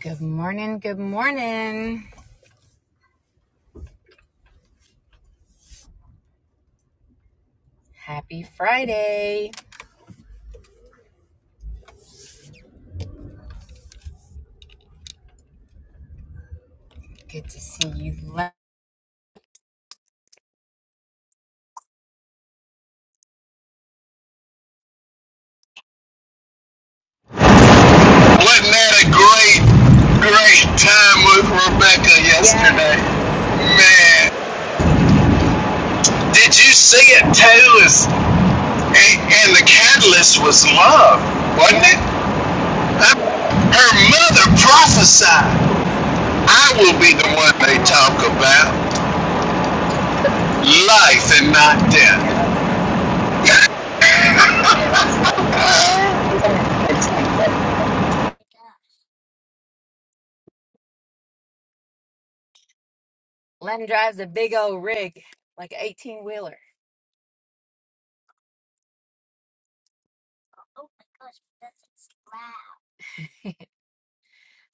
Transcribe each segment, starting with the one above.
Good morning. Good morning. Happy Friday. Good to see you. li- Wasn't that a great, great time with Rebecca yesterday? Yes. Man, did you see it too? It's, and, and the catalyst was love, wasn't it? Yep. I- her mother prophesied, I will be the one they talk about, life and not death. Yep. Len drives a big old rig, like an 18 wheeler.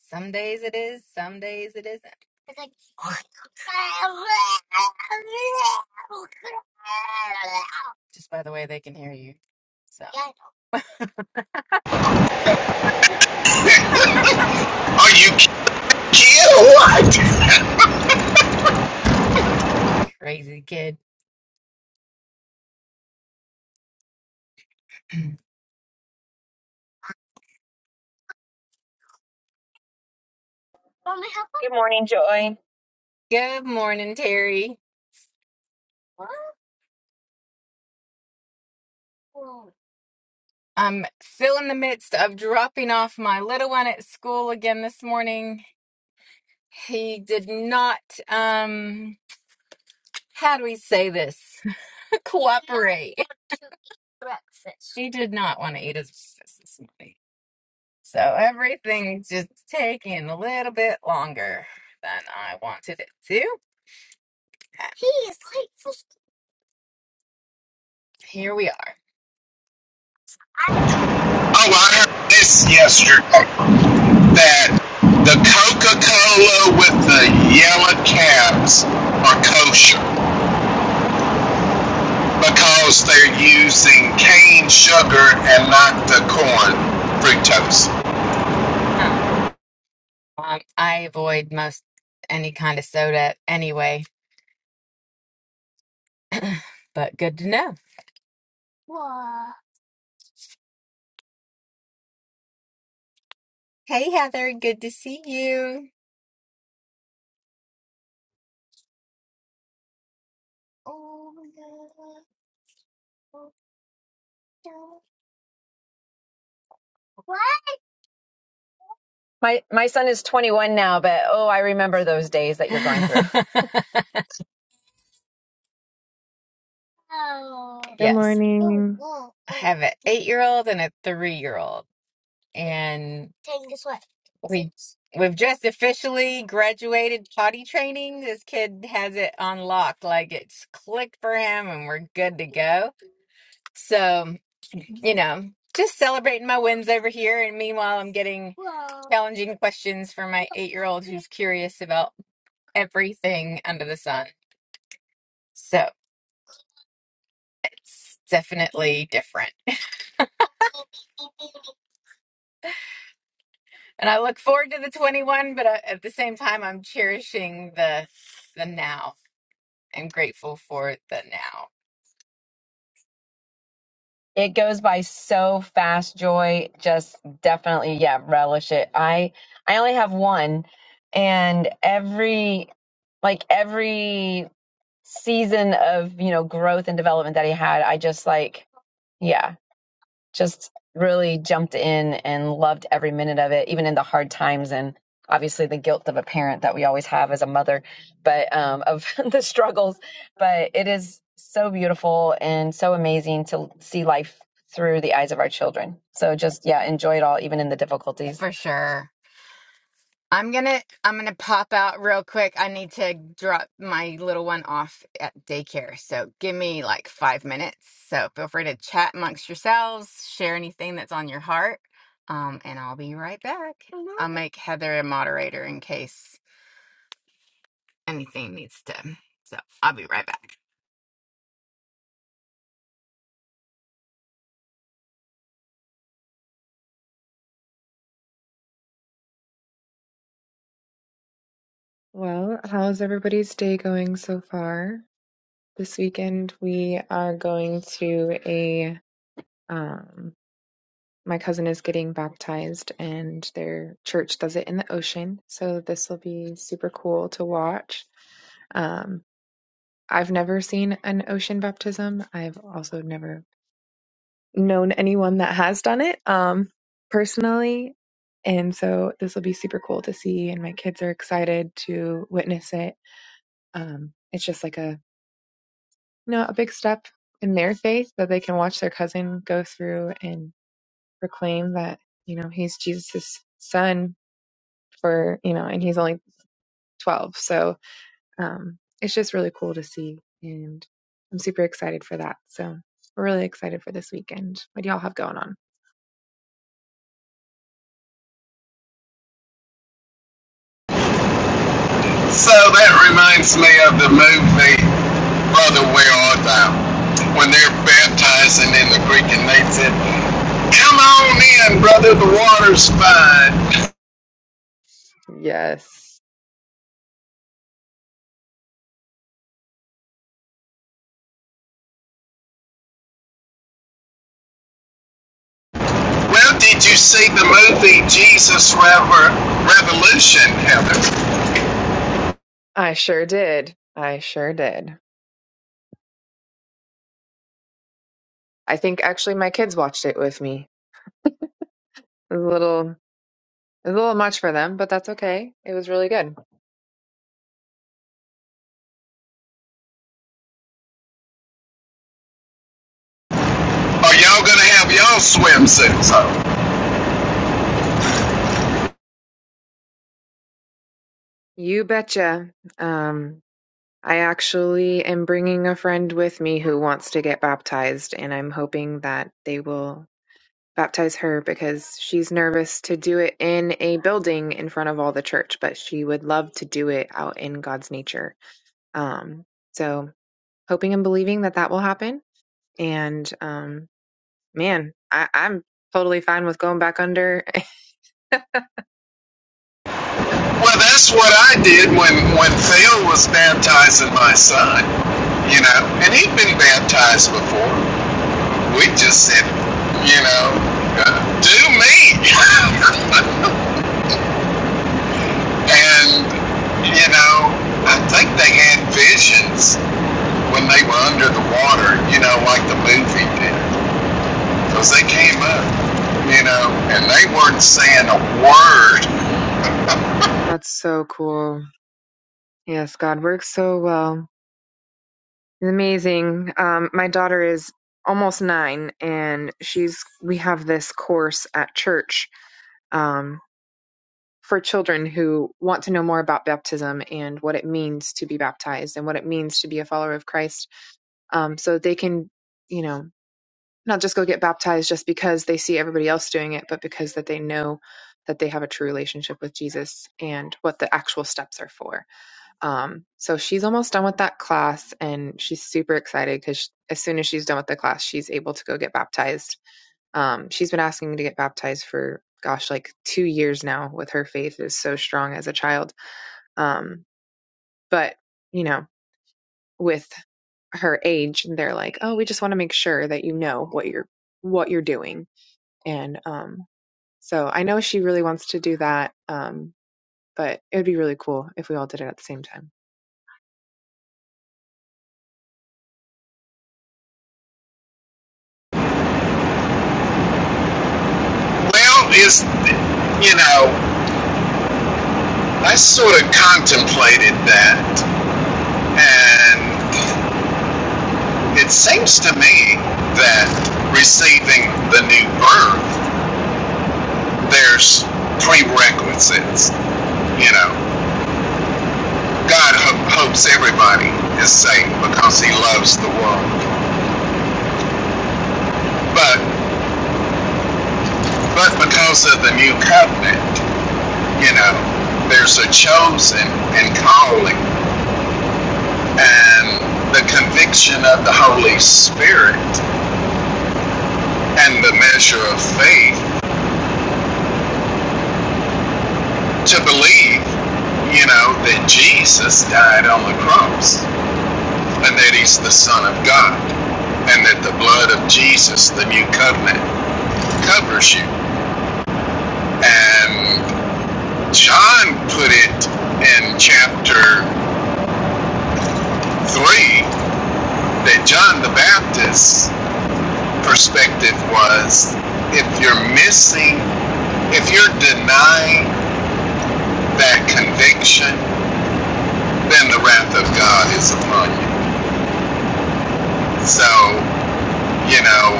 Some days it is, some days it isn't. Just by the way they can hear you. So Are you kidding Kid or what? crazy kid. Good morning, Joy. Good morning, Terry. I'm still in the midst of dropping off my little one at school again this morning. He did not, um, how do we say this? Cooperate. Breakfast. She did not want to eat his breakfast this morning. So everything's just taking a little bit longer than I wanted it to. And Here we are. Oh, well, I heard this yesterday that the Coca Cola with the yellow caps are kosher because they're using cane sugar and not the corn fructose. Huh. Um, I avoid most any kind of soda anyway, but good to know. Hey, Heather. Good to see you. My my son is 21 now, but oh, I remember those days that you're going through. Good Yes. morning. I have an eight year old and a three year old. And we we've just officially graduated potty training. This kid has it unlocked, like it's clicked for him and we're good to go. So, you know, just celebrating my wins over here and meanwhile I'm getting challenging questions from my eight year old who's curious about everything under the sun. So it's definitely different. And I look forward to the 21, but I, at the same time, I'm cherishing the the now. I'm grateful for the now It goes by so fast, Joy. Just definitely, yeah, relish it. I I only have one, and every like every season of, you know, growth and development that he had, I just like, yeah. just really jumped in and loved every minute of it, even in the hard times and obviously the guilt of a parent that we always have as a mother, but um, of the struggles. But it is so beautiful and so amazing to see life through the eyes of our children. So just, yeah, enjoy it all, even in the difficulties. for sure. I'm gonna I'm gonna pop out real quick. I need to drop my little one off at daycare, so give me like five minutes. So feel free to chat amongst yourselves, share anything that's on your heart, um, and I'll be right back. I'll make Heather a moderator in case anything needs to. So I'll be right back. Well, how's everybody's day going so far? This weekend we are going to a um my cousin is getting baptized and their church does it in the ocean, so this will be super cool to watch. Um I've never seen an ocean baptism. I've also never known anyone that has done it um personally, and so this will be super cool to see and my kids are excited to witness it Um, it's just like a you know a big step in their faith that they can watch their cousin go through and proclaim that you know he's Jesus' son for you know and he's only 12 so um, it's just really cool to see and I'm super excited for that so we're really excited for this weekend what do y'all have going on So that reminds me of the movie Brother Where Art Thou when they're baptizing in the Greek and they said, Come on in, brother, the water's fine. Yes, Where did you see the movie Jesus Rever- Revolution, Heather? I sure did. I sure did. I think actually my kids watched it with me. It was a little, it was a little much for them, but that's okay. It was really good. Are y'all gonna have y'all swimsuits on? You betcha. Um, I actually am bringing a friend with me who wants to get baptized, and I'm hoping that they will baptize her because she's nervous to do it in a building in front of all the church, but she would love to do it out in God's nature. Um, so hoping and believing that that will happen. And um, man, I, I'm totally fine with going back under. Well, that's what I did when when Phil was baptizing my son. You know, and he'd been baptized before. We just said, you know, uh, do me. and you know, I think they had visions when they were under the water. You know, like the movie did. because they came up, you know, and they weren't saying a word. That's so cool. Yes, God works so well. Amazing. Um, my daughter is almost nine, and she's we have this course at church um, for children who want to know more about baptism and what it means to be baptized and what it means to be a follower of Christ, um, so they can, you know, not just go get baptized just because they see everybody else doing it, but because that they know that they have a true relationship with Jesus and what the actual steps are for. Um, so she's almost done with that class and she's super excited because as soon as she's done with the class, she's able to go get baptized. Um, she's been asking me to get baptized for, gosh, like two years now with her faith is so strong as a child. Um, but, you know, with her age, they're like, oh, we just want to make sure that you know what you're, what you're doing. And, um, so I know she really wants to do that. Um, but it would be really cool if we all did it at the same time. Well, is you know, I sort of contemplated that, and it seems to me that receiving the new birth, there's prerequisites. You know, God ho- hopes everybody is saved because He loves the world, but but because of the new covenant. You know, there's a chosen and calling, and the conviction of the Holy Spirit, and the measure of faith to believe, you know, that Jesus died on the cross, and that He's the Son of God, and that the blood of Jesus, the new covenant, covers you. And John put it in chapter 3 that John the Baptist perspective was if you're missing, if you're denying that conviction, then the wrath of God is upon you. So, you know,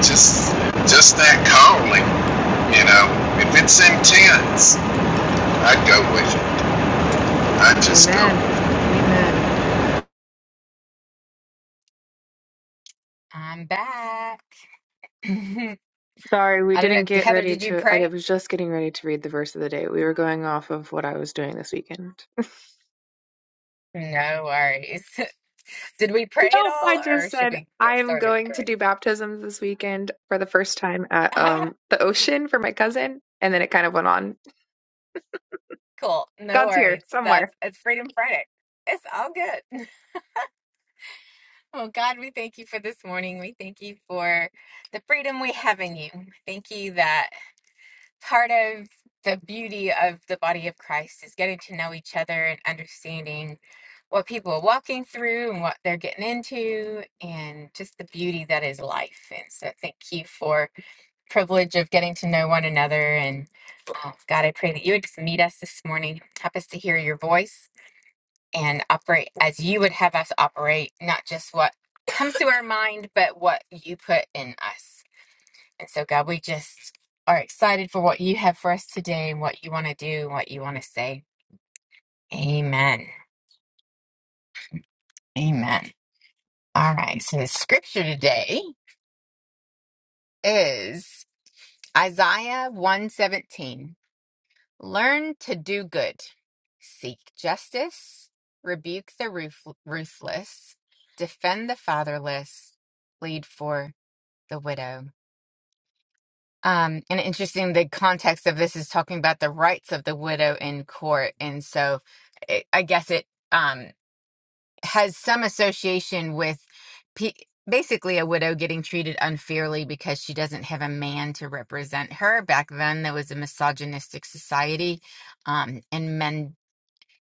just just that calling, you know, if it's intense, I'd go with it. I'd just go. Amen. with it. Amen. I'm back. Sorry, we I don't know. didn't get Heather, ready did you to. I pray? was just getting ready to read the verse of the day. We were going off of what I was doing this weekend. No worries. did we pray at Nope, I all or just should said we I get am started going to with do baptisms this weekend for the first time at prayer? um the ocean for my cousin, and then it kind of went on. cool. No God's here worries. somewhere. That's it's Freedom Friday. It's all good. Oh God, we thank you for this morning. We thank you for the freedom we have in you. Thank you that part of the beauty of the body of Christ is getting to know each other and understanding what people are walking through and what they're getting into and just the beauty that is life. And so thank you for privilege of getting to know one another. And uh, God, I pray that you would just meet us this morning, help us to hear your voice and operate as you would have us operate, not just what comes to our mind, but what you put in us. And so, God, we just are excited for what you have for us today and what you want to do and what you want to say. Amen. Amen. All right. So the scripture today is Isaiah 117. Learn to do good, seek justice, rebuke the ruf- ruthless, defend the fatherless, plead for the widow. Um, and interesting, the context of this is talking about the rights of the widow in court, and so it, I guess it um, has some association with pe basically a widow getting treated unfairly because she doesn't have a man to represent her. Back then, there was a misogynistic society um, and men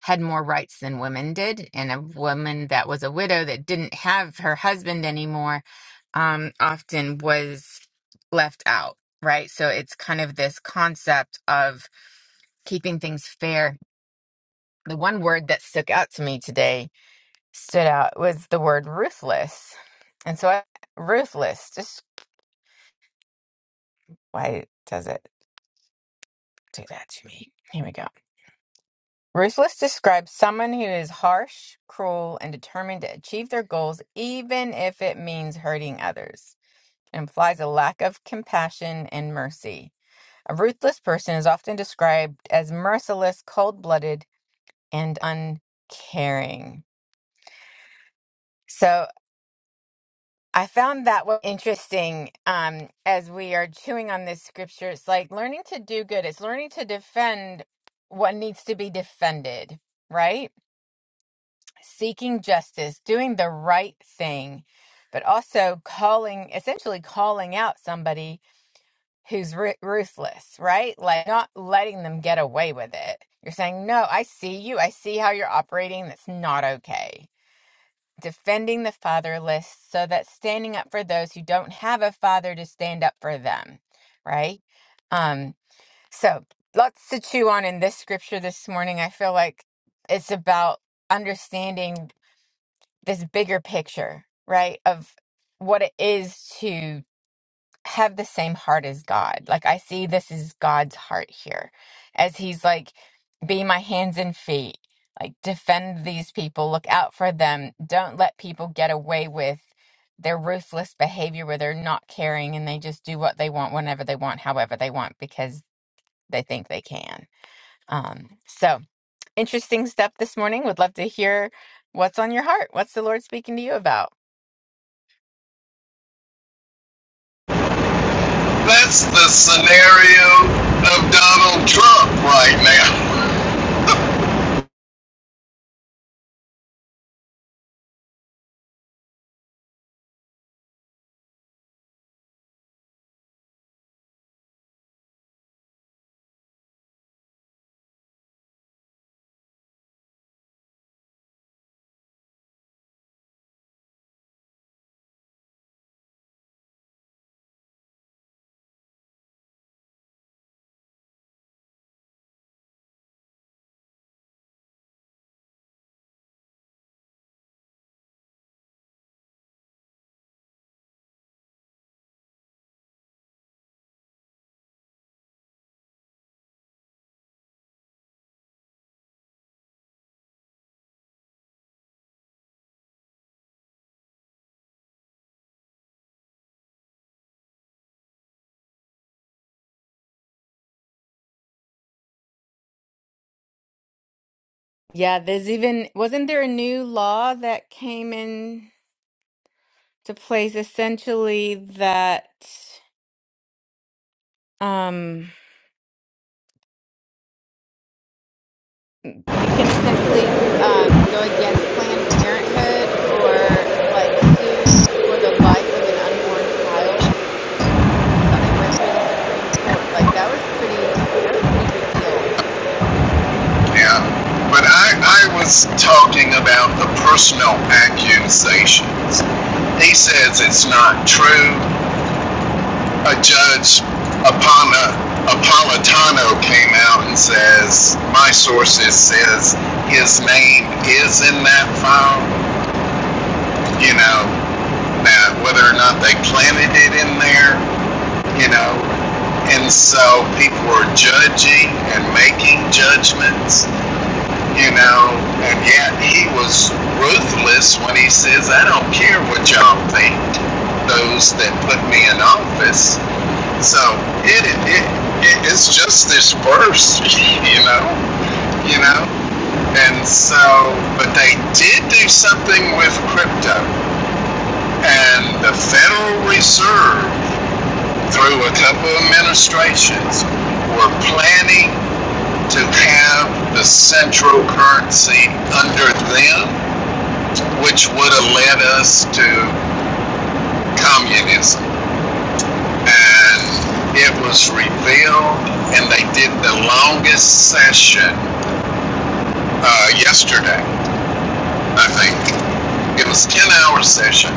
had more rights than women did, and a woman that was a widow that didn't have her husband anymore um, often was left out, right? So it's kind of this concept of keeping things fair. The one word that stuck out to me today stood out was the word ruthless. And so I, ruthless, just why does it do that to me? Here we go Ruthless describes someone who is harsh, cruel, and determined to achieve their goals even if it means hurting others. It implies a lack of compassion and mercy. A ruthless person is often described as merciless, cold blooded, and uncaring. So I found that one interesting um, as we are chewing on this scripture. It's like learning to do good, it's learning to defend what needs to be defended, right? seeking justice, doing the right thing, but also calling, essentially calling out somebody who's ru- ruthless, right? Like not letting them get away with it. You're saying, no, I see you. I see how you're operating. That's not okay. Defending the fatherless so that standing up for those who don't have a father to stand up for them, right? Um, so lots to chew on in this scripture this morning. I feel like it's about understanding this bigger picture, right? Of what it is to have the same heart as God. Like I see this is God's heart here as he's like be my hands and feet. Like defend these people, look out for them. Don't let people get away with their ruthless behavior where they're not caring and they just do what they want whenever they want, however they want because they think they can. Um so interesting stuff this morning. Would love to hear what's on your heart. What's the Lord speaking to you about? That's the scenario of Donald Trump right now. Yeah, there's even, wasn't there a new law that came in to place essentially that um you can essentially um go against Planned Parenthood or like sue for the life of an unborn child? Something went through the Supreme Court. Like that was pretty that was pretty big deal. Yeah, but I, I was talking about the personal accusations. He says it's not true. A judge, Apana, Apolitano, came out and says, my sources says his name is in that file. You know, now whether or not they planted it in there, you know, and so people are judging and making judgments you know, and yet he was ruthless when he says, I don't care what y'all think, those that put me in office. So it, it, it it it's just this verse, you know, you Mm-hmm. know. And so, but they did do something with crypto, and the Federal Reserve, through a couple of administrations, were planning to have the central currency under them which would have led us to communism. And it was revealed, and they did the longest session uh, yesterday, I think. It was 10 hour session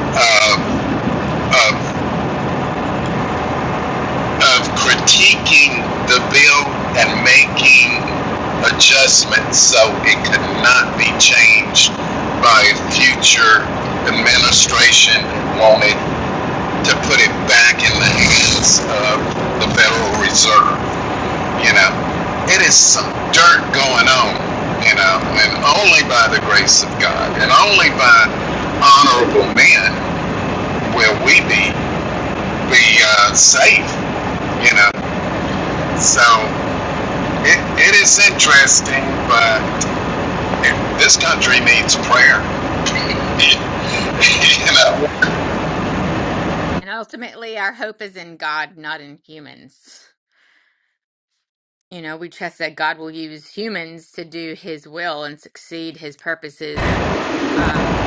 of, of, of critiquing the bill and making adjustments so it could not be changed by future administration wanted to put it back in the hands of the Federal Reserve. You know, it is some dirt going on, you know, and only by the grace of God and only by honorable men will we be be uh, safe, you know. So it, it is interesting, but it, this country needs prayer. you Yep. know, And ultimately our hope is in God, not in humans. You know, we trust that God will use humans to do his will and succeed his purposes. Um,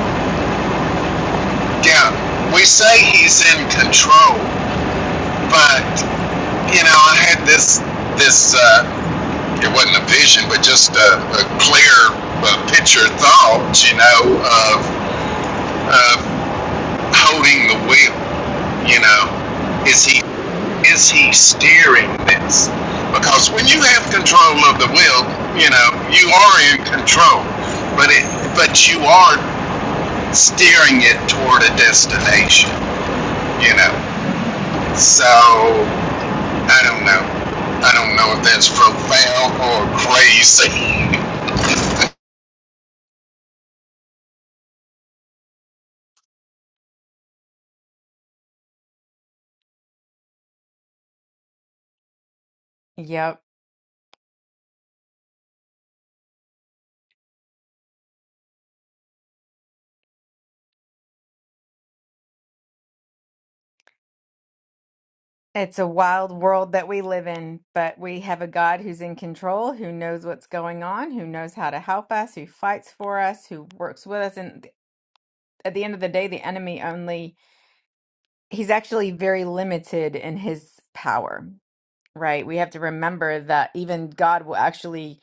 yeah, we say he's in control, but you know, I had this this uh, it wasn't a vision, but just a, a clear uh, picture thought, you know, of of holding the wheel. You know, is he hmm is he steering this? Because when you have control of the wheel, you know, you are in control, but it but you are steering it toward a destination. You know, so. I don't know. I don't know if that's profound or crazy. Yep. It's a wild world that we live in, but we have a God who's in control, who knows what's going on, who knows how to help us, who fights for us, who works with us. And th- at the end of the day, the enemy only, he's actually very limited in his power, right? We have to remember that even God will actually,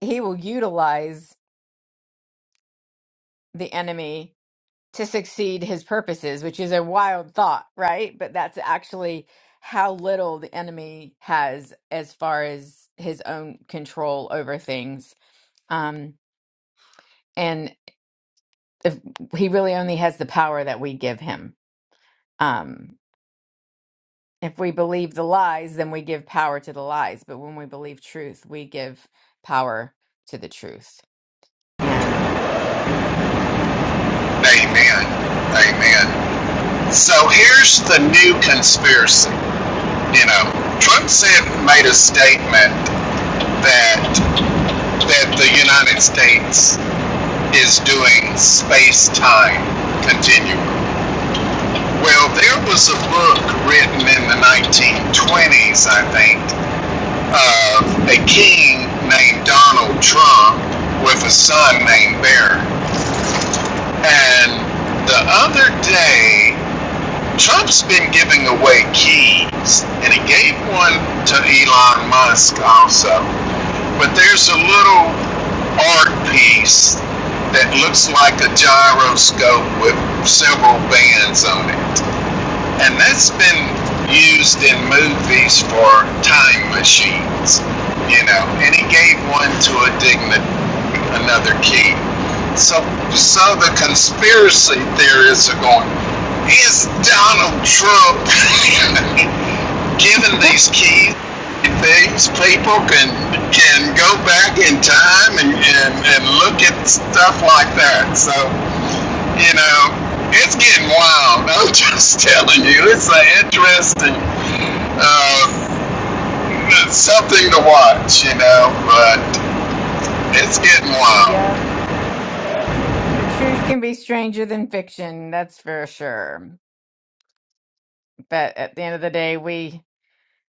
he will utilize the enemy to succeed his purposes, which is a wild thought, right? But that's actually how little the enemy has as far as his own control over things. Um, and if he really only has the power that we give him. Um, if we believe the lies, then we give power to the lies. But when we believe truth, we give power to the truth. And Amen. Amen. So here's the new conspiracy. You know, Trump said made a statement that that the United States is doing space-time continuum. Well, there was a book written in the 1920s, I think, Of a king named Donald Trump with a son named Barron. And the other day, Trump's been giving away keys, and he gave one to Elon Musk also. But there's a little art piece that looks like a gyroscope with several bands on it. And that's been used in movies for time machines, you know. And he gave one to a Mhm. digna another key. So, so the conspiracy theorists are going, is Donald Trump giving these keys? things? people can can go back in time and, and, and look at stuff like that. So you know, it's getting wild. I'm just telling you, it's an interesting uh, something to watch. You know, but it's getting wild. yep, the truth can be stranger than fiction. That's for sure. But at the end of the day, we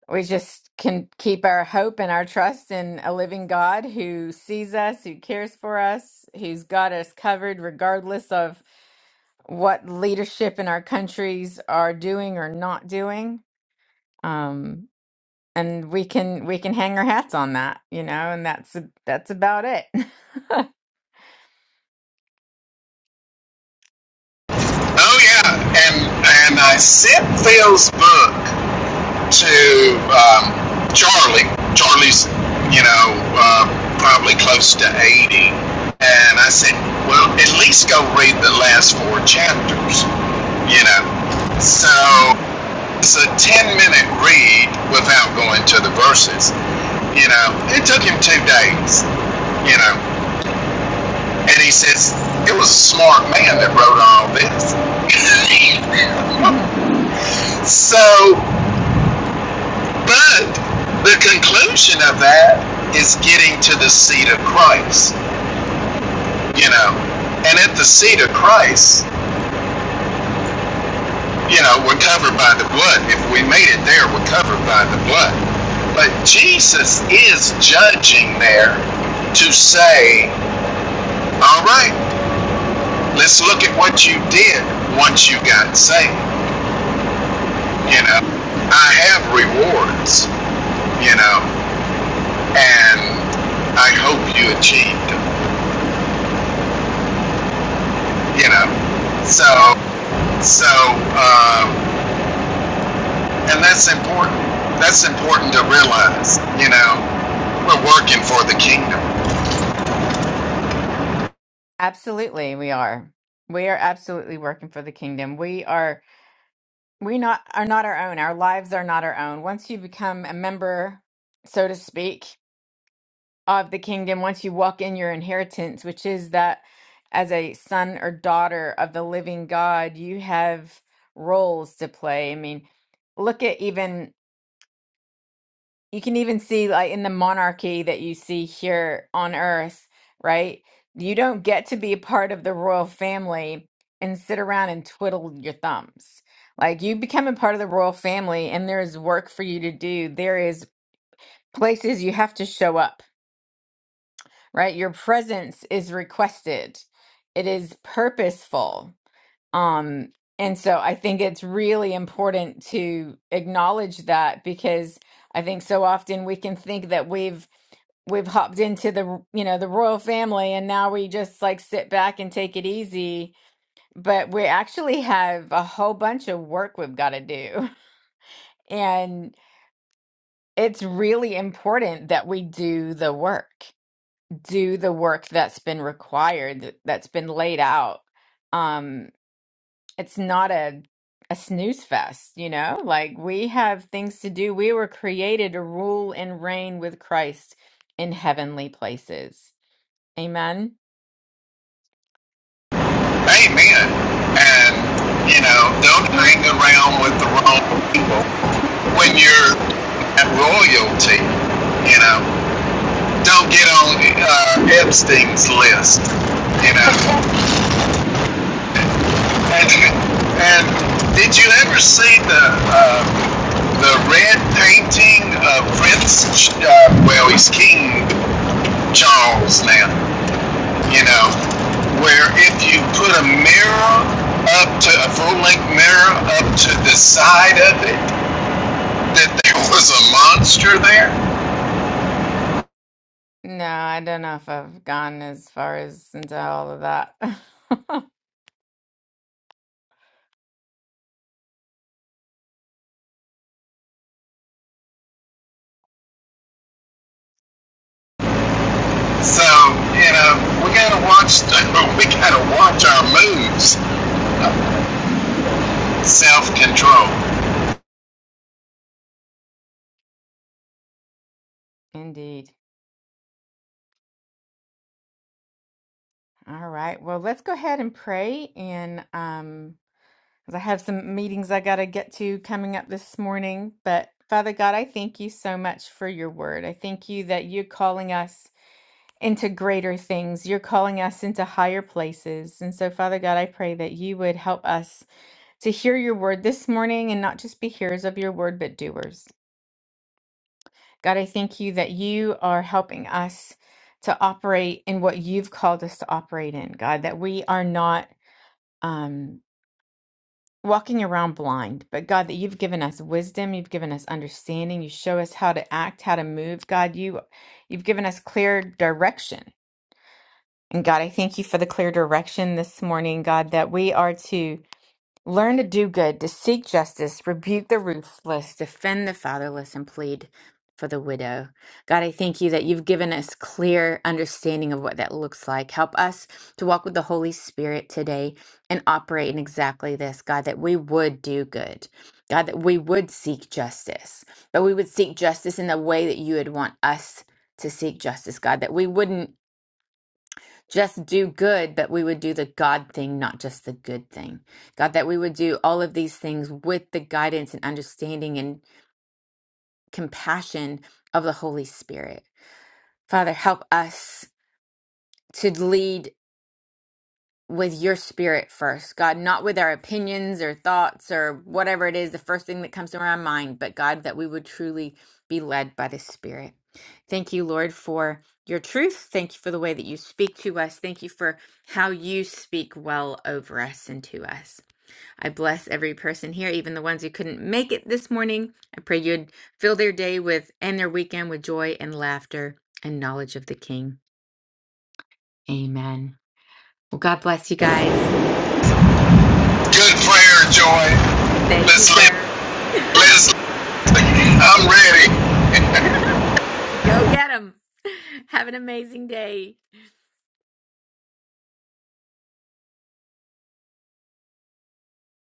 we just can keep our hope and our trust in a living God who sees us, who cares for us, who's got us covered regardless of what leadership in our countries are doing or not doing. Um, and we can we can hang our hats on that, you know, and that's that's about it. Oh yeah, and and I sent Phil's book. to um, Charlie. Charlie's, you know, uh, probably close to 80. And I said, well, at least go read the last four chapters, you know. So Mm. Mhm. it's a 10 minute read without going to the verses. You know, it took him two days, you know. And he says, it was a smart man that wrote all this. so But the conclusion of that is getting to the seat of Christ, you know. And at the seat of Christ, you know, we're covered by the blood. If we made it there, we're covered by the blood. But Jesus is judging there to say, all right, let's look at what you did once you got saved. You Yeah. know, I have rewards, you know, and I hope you achieved them. you know. So, Yep. so, um, and that's important. That's important to realize, you know, we're working for the kingdom. Absolutely, we are. We are absolutely working for the kingdom. We are we not are not our own. Our lives are not our own. Once you become a member, so to speak, of the kingdom once you walk in your inheritance, which is that as a son or daughter of the living God, you have roles to play. I mean, look at even, you can even see like in the monarchy that you see here on earth, right? You don't get to be a part of the royal family and sit around and twiddle your thumbs. Like you become a part of the royal family and there is work for you to do. There is places you have to show up right? Your presence is requested. It is purposeful. Um and so I think it's really important to acknowledge that because I think so often we can think that we've we've hopped into the you know the royal family and now we just like sit back and take it easy but we actually have a whole bunch of work we've got to do and it's really important that we do the work do the work that's been required th- that's been laid out um it's not a a snooze fest you know like we have things to do we were created to rule and reign with Christ in heavenly places amen Amen. And, you know, don't hang around with the wrong people when you're at royalty, you know. Don't get on uh, Epstein's list, you know. And, and did you ever see the uh, the red painting of Prince? Uh, well, he's King Charles now. You know, where if you put a mirror up to a full length mirror up to the side of it, that there was a monster there. no i don't know if i've gone as far as into all of that So you know, we gotta watch. we gotta watch our moves. mhm Self control. indeed all right well let's go ahead and pray and um because I have some meetings I got to get to coming up this morning. But Father God, I thank you so much for your word. I thank you that you're calling us into greater things, you're calling us into higher places. And so, Father God, I pray that you would help us to hear your word this morning and not just be hearers of your word, but doers. God, I thank you that you are helping us to operate in what you've called us to operate in, God, that we are not. Um, walking around blind. But God, that you've given us wisdom, you've given us understanding, you show us how to act, how to move. God, you you've given us clear direction. And God, I thank you for the clear direction this morning, God, that we are to Learn to do good, to seek justice, rebuke the ruthless, defend the fatherless, and plead for the widow. God, I thank you that you've given us clear understanding of what that looks like. Help us to walk with the Holy Spirit today and operate in exactly this, God, that we would do good. God, that we would seek justice, but we would seek justice in the way that you would want us to seek justice, God, that we wouldn't just do good, but we would do the God thing, not just the good thing. God, that we would do all of these things with the guidance and understanding and compassion of the Holy Spirit. Father, help us to lead. with your spirit first, God, not with our opinions or thoughts or whatever it is, the first thing that comes to our mind, but God, that we would truly be led by the Spirit. Thank you, Lord, for your truth. Thank you for the way that you speak to us. Thank you for how you speak well over us and to us. I bless every person here, even the ones who couldn't make it this morning. I pray you'd fill their day with and their weekend with joy and laughter and knowledge of the King. Amen. Well, God bless you guys. Good prayer, Joy. Thank you, Let's live. sir. Let's I'm ready. Go get them. Have an amazing day.